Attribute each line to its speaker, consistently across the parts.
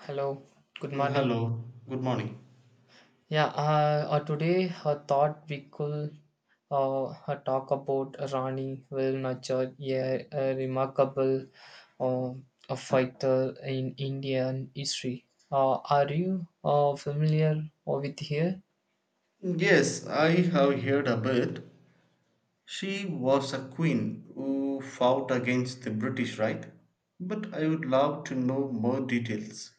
Speaker 1: Hello, good
Speaker 2: Mm,
Speaker 1: morning.
Speaker 2: hello, good morning.
Speaker 1: Yeah, Today I thought we could talk about Rani Will Nachar, yeah, a remarkable uh, a fighter in Indian history. Are you familiar with her?
Speaker 2: Yes, I have heard a bit. She was a queen who fought against the British, right? But I would love to know more details.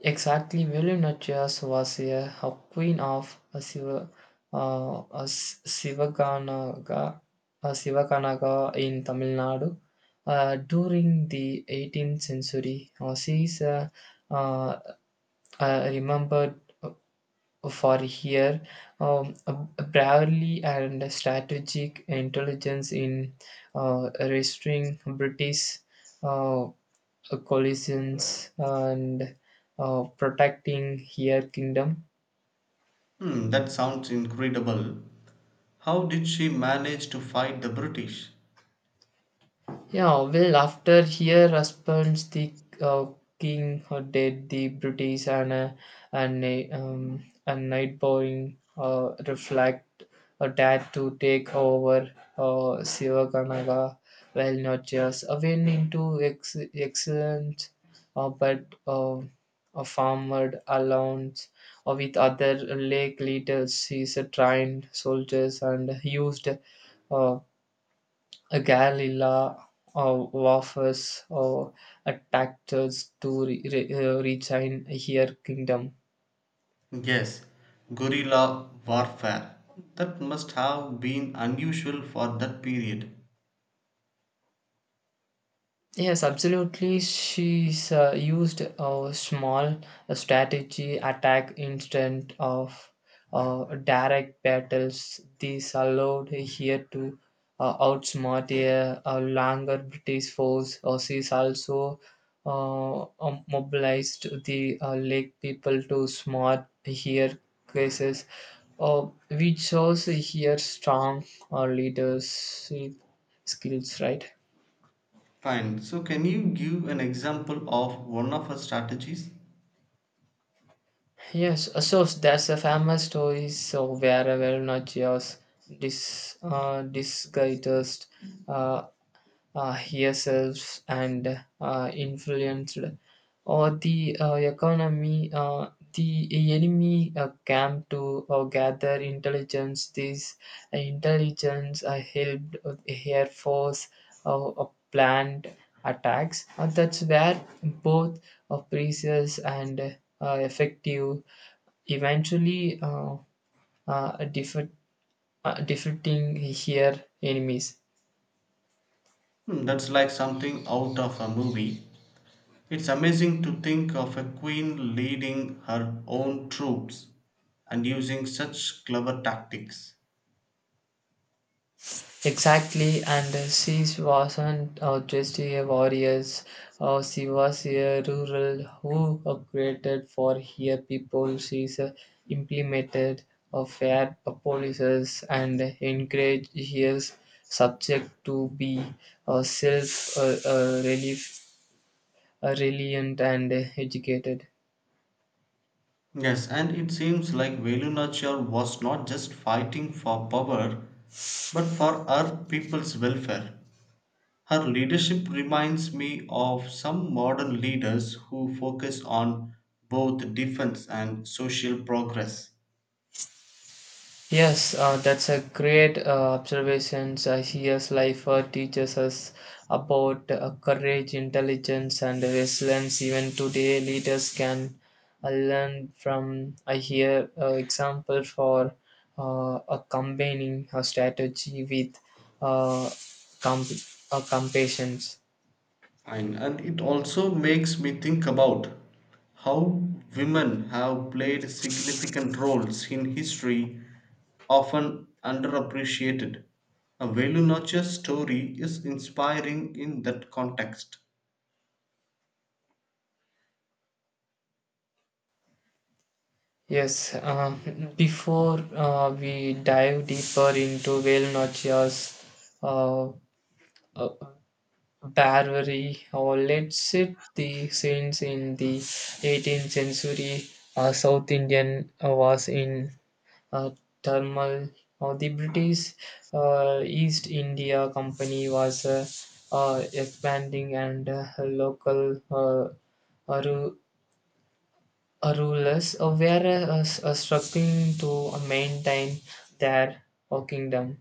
Speaker 1: Exactly, Villeneuve was a queen of a Sivakanaga, a Sivakanaga in Tamil Nadu. During the 18th century, she is uh, remembered for her um, bravery and strategic intelligence in restoring British uh, collisions and protecting her kingdom
Speaker 2: Hmm, that sounds incredible. How did she manage to fight the British?
Speaker 1: Yeah, well, after her husband's the uh, king dead, the British and and night reflect a dad to take over Sivakanaga, well, not just a win into excellence, but a farmer allowance with other lake leaders. She's a trained soldiers and used uh, a Galila or wafers or a Tactus to reach in her kingdom.
Speaker 2: Yes, guerrilla warfare. That must have been unusual for that period.
Speaker 1: Yes, absolutely. She's used a small strategy attack instead of direct battles. This allowed here to outsmart a longer British force. Or she's also mobilized the lake people to smart here cases, which shows here strong leadership skills, right?
Speaker 2: Fine, so can you give an example of one of her strategies?
Speaker 1: Yes, so there's a famous story so where a Varanasias disguised uh, herself and influenced or the economy. The enemy came to gather intelligence. This intelligence helped the air force planned attacks. That's where both precious and effective eventually uh, defeat, defeating her enemies.
Speaker 2: Hmm, that's like something out of a movie. It's amazing to think of a queen leading her own troops and using such clever tactics.
Speaker 1: Exactly, and she wasn't just a warrior, she was a rural who created for her people. She implemented fair policies and encouraged her subject to be self reliant, and educated.
Speaker 2: Yes, and it seems like Velu Nachiyar was not just fighting for power, but for her people's welfare. Her leadership reminds me of some modern leaders who focus on both defense and social progress.
Speaker 1: Yes, that's a great observation. Here's life teaches us about courage, intelligence, and resilience. Even today, leaders can learn from. I hear example for a combining a strategy with uh, compassion.
Speaker 2: Fine. And it also makes me think about how women have played significant roles in history, often underappreciated. A Velu Nachiyar's story is inspiring in that context.
Speaker 1: Yes, before we dive deeper into whale notches, uh, uh, Barbary or let's set the scenes in the 18th century South Indian was in uh, turmoil. The British East India Company was expanding and local ru- rulers were struggling to maintain their kingdom.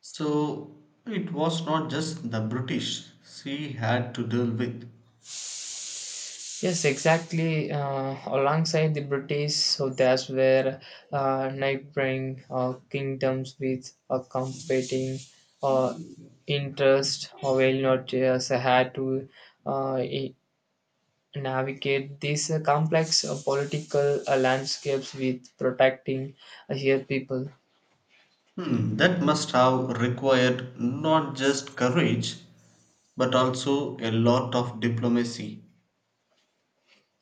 Speaker 2: So it was not just the British she had to deal with.
Speaker 1: Yes, exactly. Alongside the British, so that's where neighboring kingdoms with a competing uh, interest or well not just had to uh, i- navigate these complex political landscapes with protecting her people.
Speaker 2: Hmm, that must have required not just courage but also a lot of diplomacy.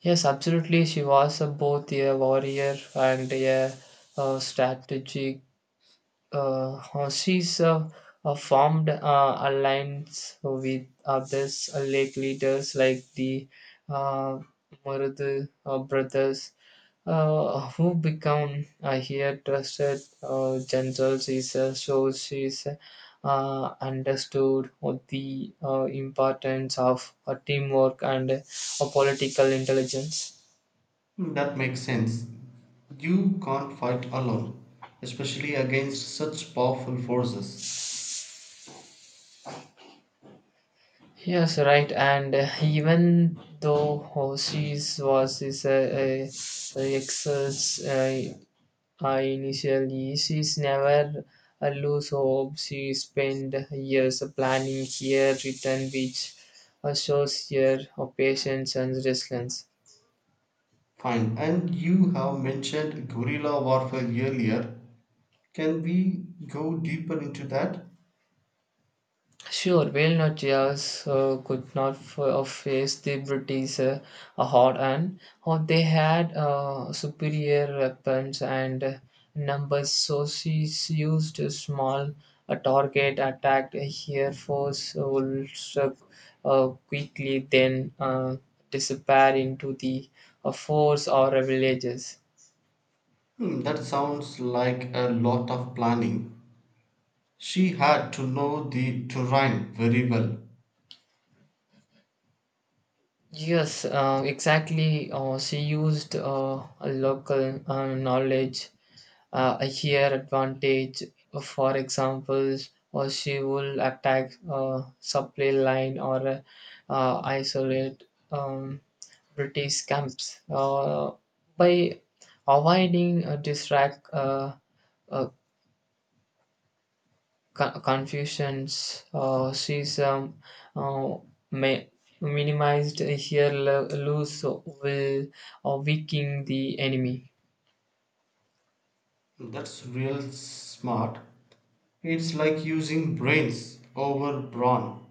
Speaker 1: Yes, absolutely. She was both a warrior and a strategic horses formed alliance with others lake leaders like the uh, Marudu brothers who become here trusted generals is so she's understood what the importance of teamwork and political intelligence.
Speaker 2: Hmm, that makes sense. You can't fight alone, especially against such powerful forces.
Speaker 1: Yes, right. And even though Hoshi's was is a excels initially, she's never lose hope. She spent years planning her return which shows her patience and resilience.
Speaker 2: Fine, and you have mentioned guerrilla warfare earlier. Can we go deeper into that?
Speaker 1: Sure, while not just could not face the British hard and or they had superior weapons and numbers, so she used a small target, attacked here force, will struck quickly, then disappear into the forts or villages.
Speaker 2: Hmm, that sounds like a lot of planning. She had to know the terrain very well.
Speaker 1: Yes, exactly. She used a local knowledge her advantage. For example, or she will attack a supply line or isolate um, British camps by avoiding distract uh, confusions. She's uh, ma- minimized her lose will weakening the enemy.
Speaker 2: That's real smart. It's like using brains over brawn.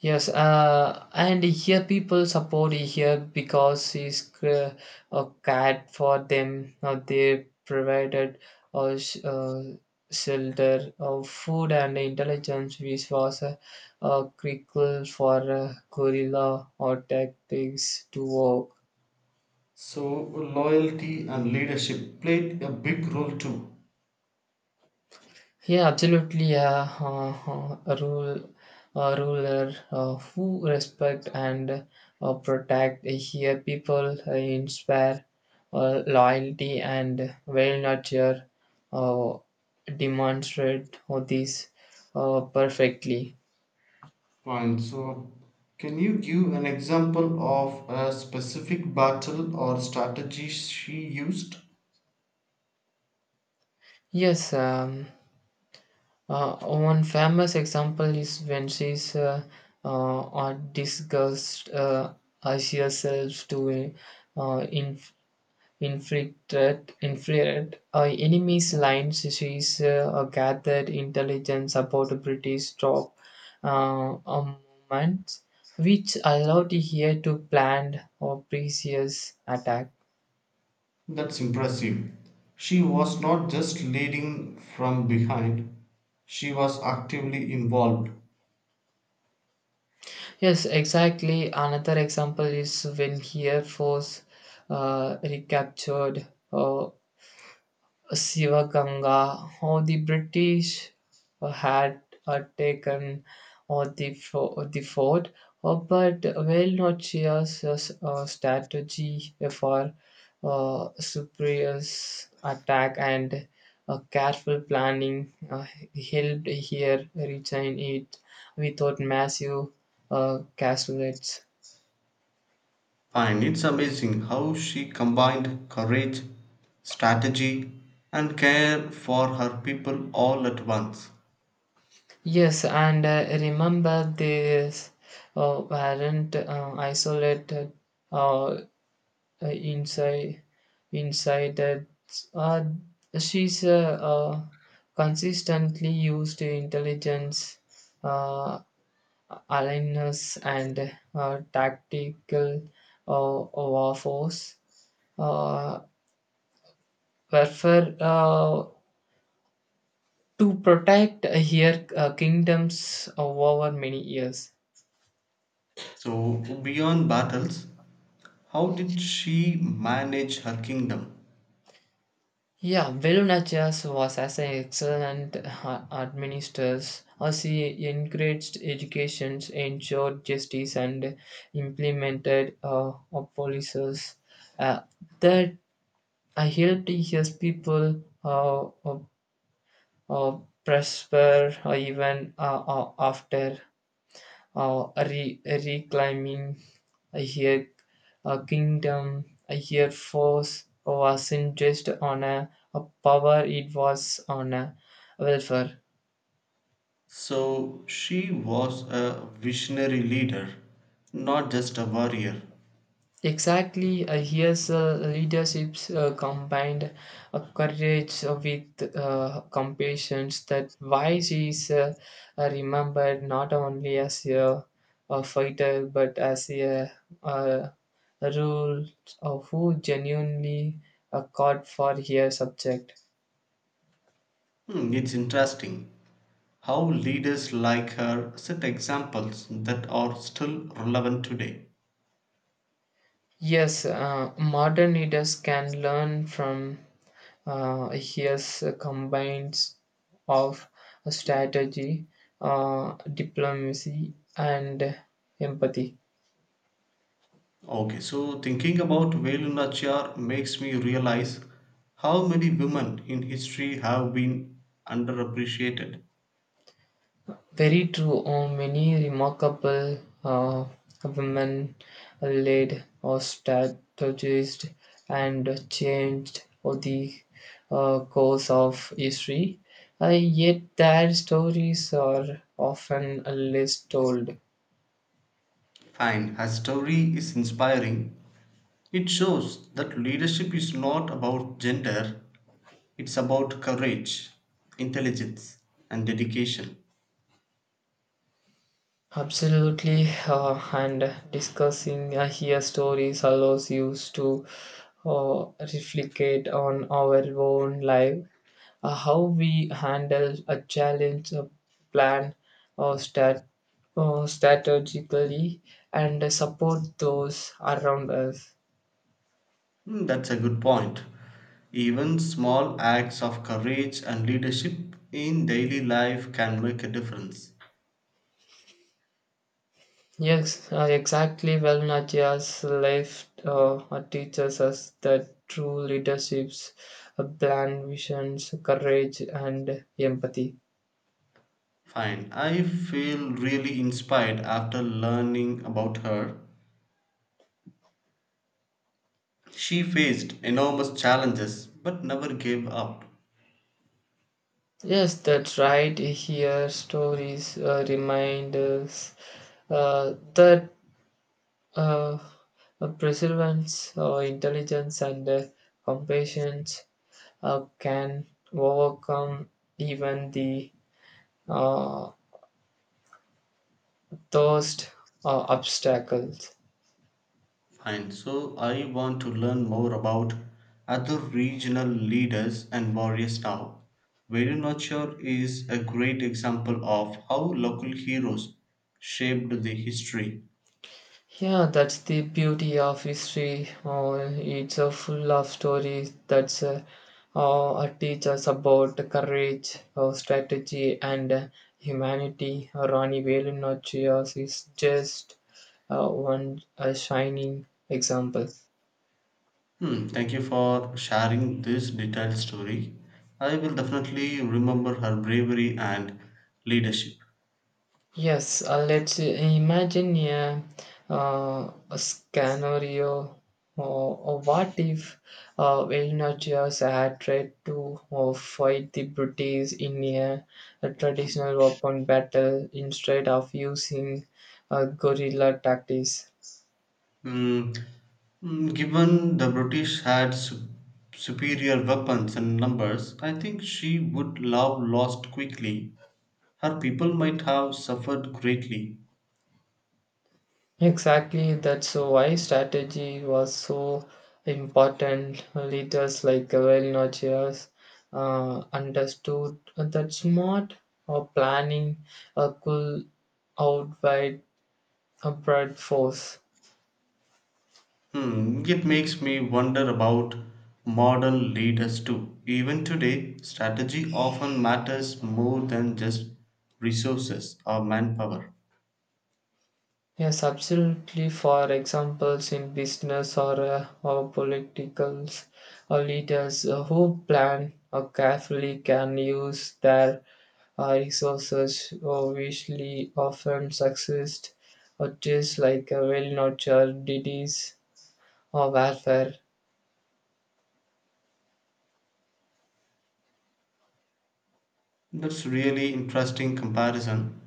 Speaker 1: Yes, and here people support here because he's a cat for them. They provided uh, sh- uh, shelter, food, and intelligence, which was a critical for gorilla or tactics to work.
Speaker 2: So loyalty and leadership played a big role too.
Speaker 1: Yeah, absolutely. Yeah, ruler who respect and protect here people inspire loyalty and well nurture uh, demonstrate all these perfectly.
Speaker 2: Fine. So can you give an example of a specific battle or strategy she used?
Speaker 1: Yes, one famous example is when she's discussed as herself to in infiltrate, infiltrate enemy's lines. She is gathered intelligence about British drop armaments, which allowed here to plan a previous attack.
Speaker 2: That's impressive. She was not just leading from behind, she was actively involved.
Speaker 1: Yes, exactly. Another example is when here force recaptured Sivakanga, or the British had taken the fort, but Velnochia's strategy for superior's attack and careful planning helped here retain it without massive casualties.
Speaker 2: Fine. It's amazing how she combined courage, strategy, and care for her people all at once.
Speaker 1: Yes, and remember these weren't isolated uh, uh, inside inside that uh, she's consistently used intelligence uh, aliveness and tactical uh, war force uh, warfare to protect her kingdoms over many years.
Speaker 2: So, beyond battles, how did she manage her kingdom?
Speaker 1: Yeah, Belunachias was as an excellent administrator as he encouraged education, ensured justice, and implemented policies uh, that helped his people uh, prosper even after reclaiming. I hear a kingdom. I hear force wasn't just on a power; it was on a welfare.
Speaker 2: So she was a visionary leader, not just a warrior.
Speaker 1: Exactly, I hear leaderships combined courage with compassion. That why she is remembered not only as a fighter but as a, uh rules of who genuinely caught for a subject.
Speaker 2: Hmm, it's interesting how leaders like her set examples that are still relevant today.
Speaker 1: Yes, modern leaders can learn from his combines of strategy, diplomacy, and empathy.
Speaker 2: Okay, so thinking about Velu Nachiyar makes me realize how many women in history have been underappreciated.
Speaker 1: Very true. Oh, many remarkable uh, women led or strategized and changed the course of history. Uh, Yet their stories are often less told.
Speaker 2: Fine, her story is inspiring. It shows that leadership is not about gender, it's about courage, intelligence, and dedication.
Speaker 1: Absolutely, and discussing here stories allows you to uh, reflect on our own life. How we handle a challenge, a plan, or stat, strategically, and support those around us.
Speaker 2: Hmm, that's a good point. Even small acts of courage and leadership in daily life can make a difference.
Speaker 1: Yes, exactly. Well, Nadia's life teaches us that true leaderships, plan, visions, courage, and empathy.
Speaker 2: Fine, I feel really inspired after learning about her. She faced enormous challenges but never gave up.
Speaker 1: Yes, that's right. Here, stories remind us that uh, perseverance, intelligence, and compassion can overcome even the uh, thirst obstacles.
Speaker 2: Fine. So I want to learn more about other regional leaders and warriors now. Velu is a great example of how local heroes shaped the history.
Speaker 1: Yeah, that's the beauty of history. It's full of stories that teach us about courage, strategy, and humanity. Rani Velu Nachiyar is just one shining example.
Speaker 2: Hmm, thank you for sharing this detailed story. I will definitely remember her bravery and leadership.
Speaker 1: Yes, let's imagine a scenario. Or what if Vilnius had tried to fight the British in a traditional weapon battle instead of using guerrilla tactics?
Speaker 2: Hmm, mm, given the British had superior weapons and numbers, I think she would love lost quickly. Her people might have suffered greatly.
Speaker 1: Exactly, that's why strategy was so important. Leaders like Gavalinacius understood that smart or planning could outweigh a broad force.
Speaker 2: Hmm, it makes me wonder about modern leaders too. Even today, strategy often matters more than just resources or manpower.
Speaker 1: Yes, absolutely. For examples in business or politicals, or leaders who plan carefully can use their resources which often subsist just like a well-nurtured deities or warfare.
Speaker 2: That's really interesting comparison.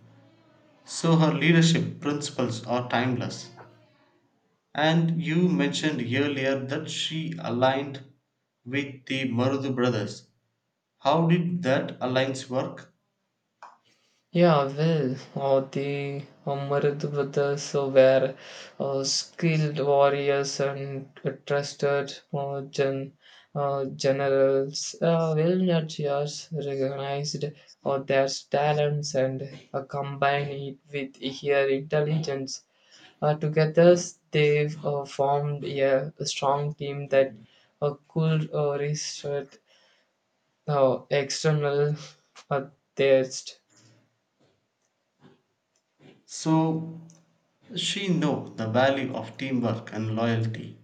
Speaker 2: So her leadership principles are timeless. And you mentioned earlier that she aligned with the Marudu brothers. How did that alliance work?
Speaker 1: Yeah, well, or the Amarad brothers were skilled warriors and trusted generals. Well, nurturers recognized their talents and combined it with their intelligence. Together, they've formed a strong team that could resist external uh, test.
Speaker 2: So she know the value of teamwork and loyalty.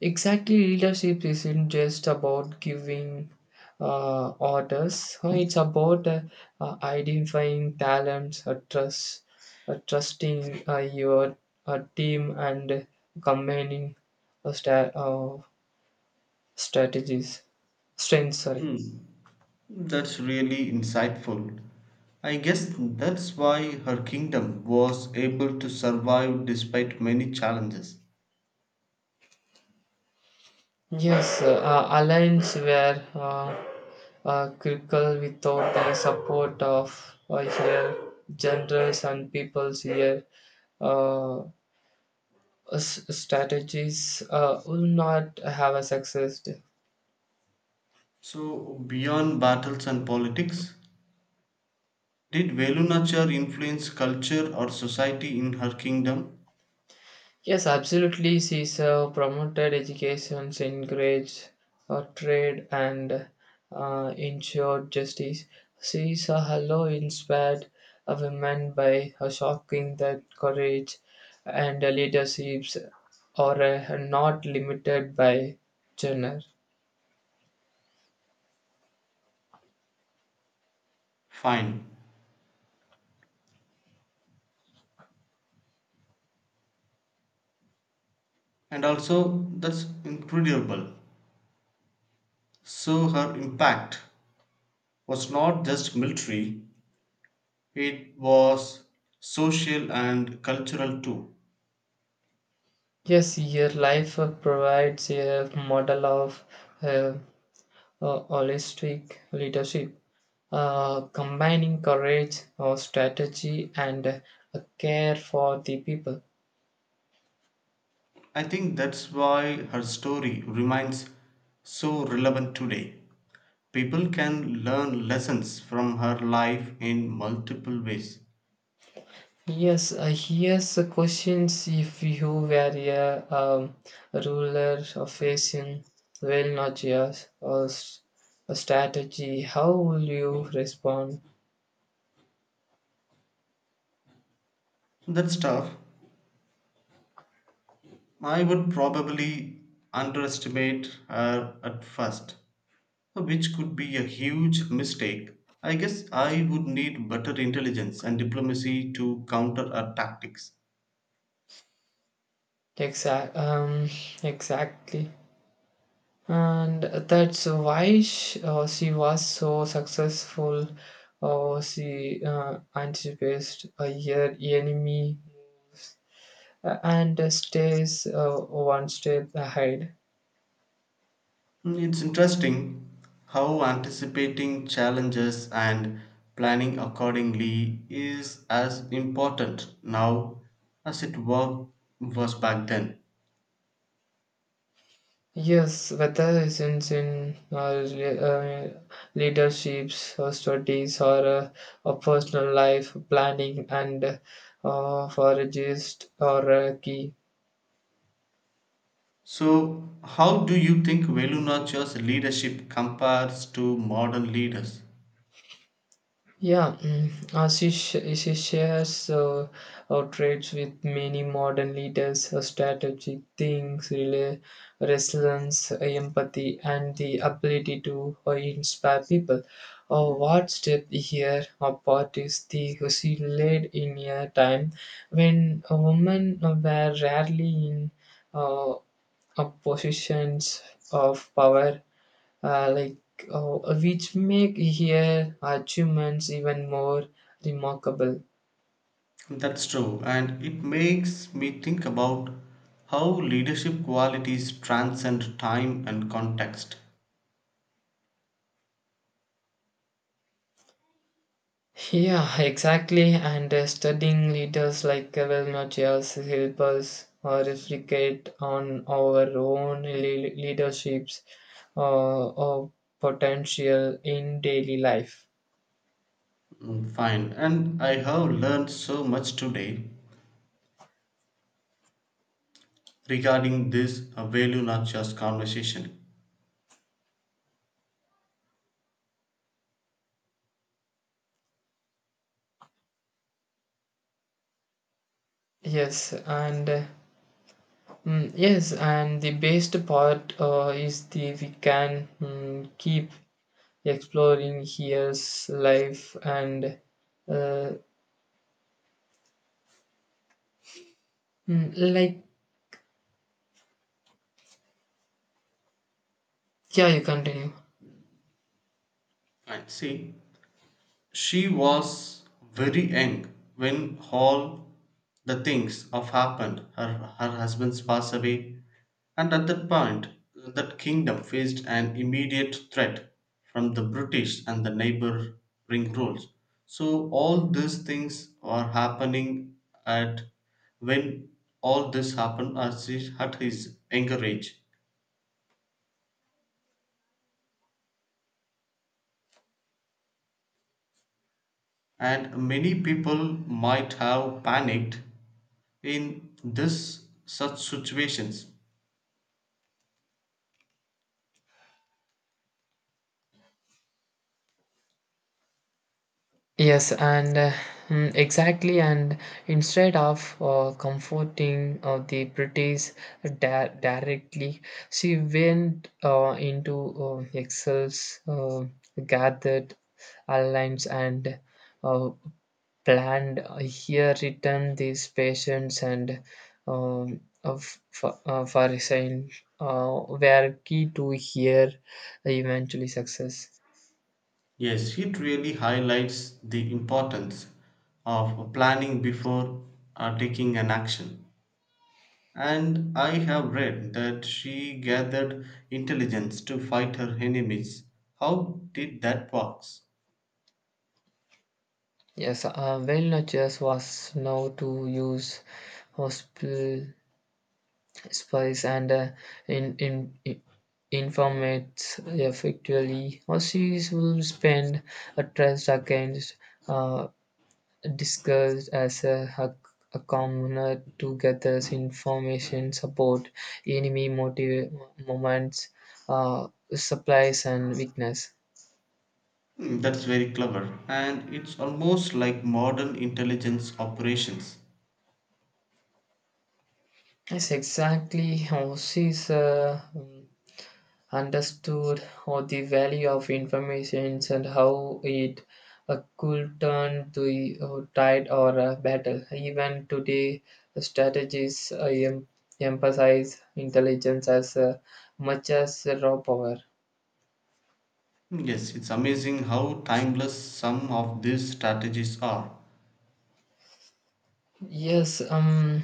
Speaker 1: Exactly, leadership isn't just about giving orders. It's about identifying talents, trusting your team, and combining uh, sta- uh, strategies, strengths. Sorry.
Speaker 2: Hmm, that's really insightful. I guess that's why her kingdom was able to survive despite many challenges.
Speaker 1: Yes, alliance were critical without the support of here generals and peoples here. Uh, Strategies will not have a success.
Speaker 2: So, beyond battles and politics, did Velunachar influence culture or society in her kingdom?
Speaker 1: Yes, absolutely. She's promoted education, encouraged trade, and ensured justice. She's a hello inspired a woman by her shocking that courage and leaderships are not limited by gender.
Speaker 2: Fine. And also, that's incredible. So, her impact was not just military, it was social and cultural too.
Speaker 1: Yes, your life provides a model of uh, holistic leadership. Combining courage or strategy and a care for the people.
Speaker 2: I think that's why her story remains so relevant today. People can learn lessons from her life in multiple ways.
Speaker 1: Yes, here's a question, if you were a, um, ruler of facing well not yes or a strategy, how will you respond?
Speaker 2: That's tough. I would probably underestimate her at first, which could be a huge mistake. I guess I would need better intelligence and diplomacy to counter her tactics.
Speaker 1: Exact, um, exactly. And that's why she was so successful. She anticipates her enemy moves and stays one step ahead.
Speaker 2: Mm, it's interesting how anticipating challenges and planning accordingly is as important now as was back then.
Speaker 1: Yes, whether it's in leaderships, or studies, or a personal life planning, and for a gist or a key.
Speaker 2: So, how do you think Velu Nachiar's leadership compares to modern leaders?
Speaker 1: Yeah, Ashish shares our traits with many modern leaders, strategic things, resilience, empathy, and the ability to inspire people. What step here apart is the who she led in a time when women were rarely in uh, positions of power like which make her achievements even more remarkable.
Speaker 2: That's true, and it makes me think about how leadership qualities transcend time and context.
Speaker 1: Yeah, exactly. And studying leaders like well not just help us reflect on our own leaderships or potential in daily life.
Speaker 2: Mm, fine, and I have learned so much today regarding this Velu Nachiar's conversation.
Speaker 1: Yes, and yes, and the best part is the we can keep exploring his life and uh, like yeah you continue.
Speaker 2: And see, she was very young when all the things have happened. Her husband's passed away, and at that point, that kingdom faced an immediate threat from the British and the neighboring rules. So, all these things are happening at when all this happened as his at his younger age, and many people might have panicked in this such situations.
Speaker 1: Yes, and exactly, and instead of comforting the British directly, she went into Excel's gathered alliance and uh, planned here return these patients and for resign were key to here eventually success.
Speaker 2: Yes, it really highlights the importance of planning before taking an action. And I have read that she gathered intelligence to fight her enemies. How did that works?
Speaker 1: Yes, well nurtures was now to use hospital spies and in informates effectively or she will spend a trust against uh, discussed as a a commoner to gather information, support enemy motive, moments, uh, supplies, and weakness.
Speaker 2: Hmm, that's very clever and it's almost like modern intelligence operations.
Speaker 1: Yes, exactly how she's understood how the value of information and how it could turn the tide or a battle. Even today, strategies emphasize intelligence as much as raw power.
Speaker 2: Yes, it's amazing how timeless some of these strategies are.
Speaker 1: Yes,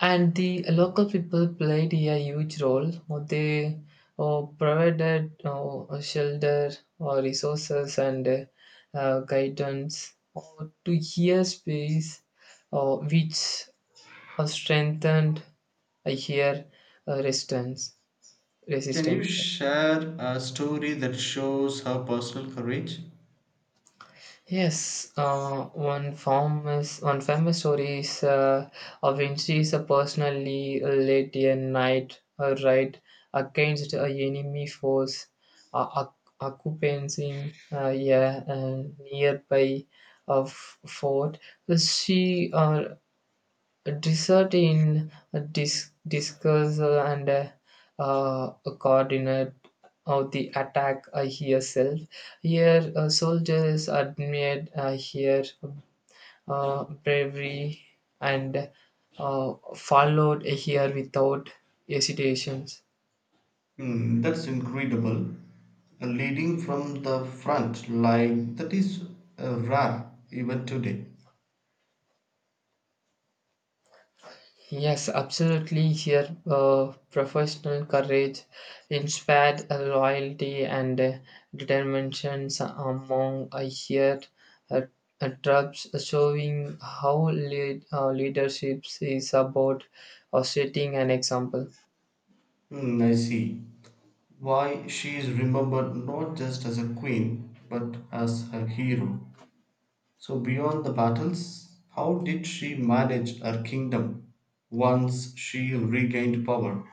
Speaker 1: and the local people played a huge role. They provided shelter or resources and guidance to here space, which strengthened here resistance.
Speaker 2: Can you
Speaker 1: Resistance.
Speaker 2: share a story that shows her personal courage?
Speaker 1: Yes, one famous story is of Vinci is a personally late a night ride against a enemy force occupying yeah, a nearby of fort. She Desert in a discuss and a coordinate of the attack here self. Here soldiers admired here bravery and followed here without hesitations.
Speaker 2: Hmm, that's incredible. A leading from the front, like that is rare even today.
Speaker 1: Yes, absolutely. Here, professional courage inspired loyalty and determination among a here, uh, tribes, showing how leadership is about setting an example.
Speaker 2: Hmm, I see. Why she is remembered not just as a queen but as a hero. So, beyond the battles, how did she manage her kingdom once she regained power?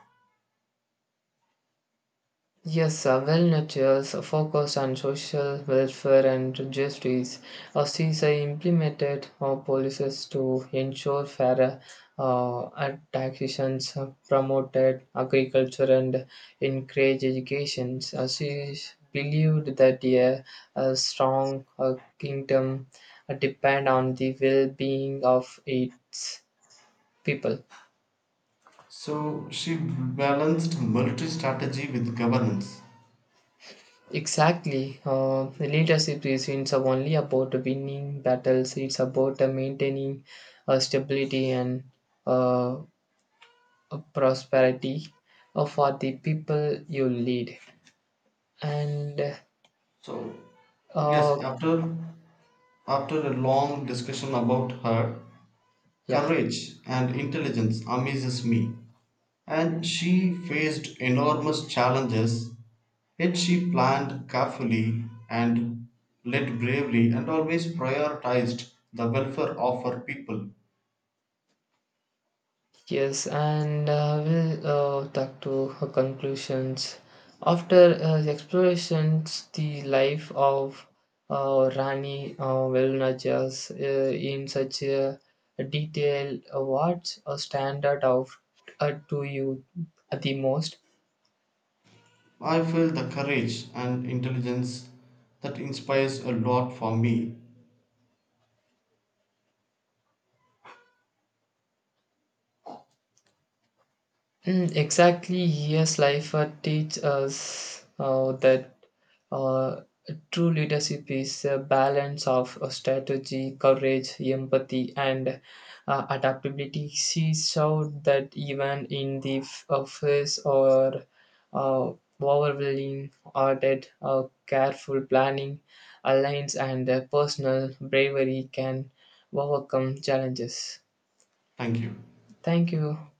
Speaker 1: Yes, well-nurtures a focus on social welfare and justice. Since implemented policies to ensure fairer and taxations, promoted agriculture, and encourage education. She believed that a strong kingdom depend on the well-being of its people.
Speaker 2: So, she balanced military strategy with governance.
Speaker 1: Exactly. The leadership isn't only about winning battles, it's about maintaining stability and uh, prosperity for the people you lead. And
Speaker 2: So,
Speaker 1: uh,
Speaker 2: yes, after a long discussion about her
Speaker 1: yeah,
Speaker 2: courage and intelligence, amazes me. And she faced enormous challenges. Yet she planned carefully and led bravely and always prioritized the welfare of her people.
Speaker 1: Yes, and we will talk to her conclusions. After the explorations, the life of Rani Velunajas in such a detail, what a standard out of, to you the most?
Speaker 2: I feel the courage and intelligence that inspires a lot for me.
Speaker 1: Exactly, yes, life teach us that Uh, true leadership is a balance of strategy, courage, empathy, and adaptability. She showed that even in the face or uh, overwhelming audit, careful planning, alliance, and personal bravery can overcome challenges.
Speaker 2: Thank you.
Speaker 1: Thank you.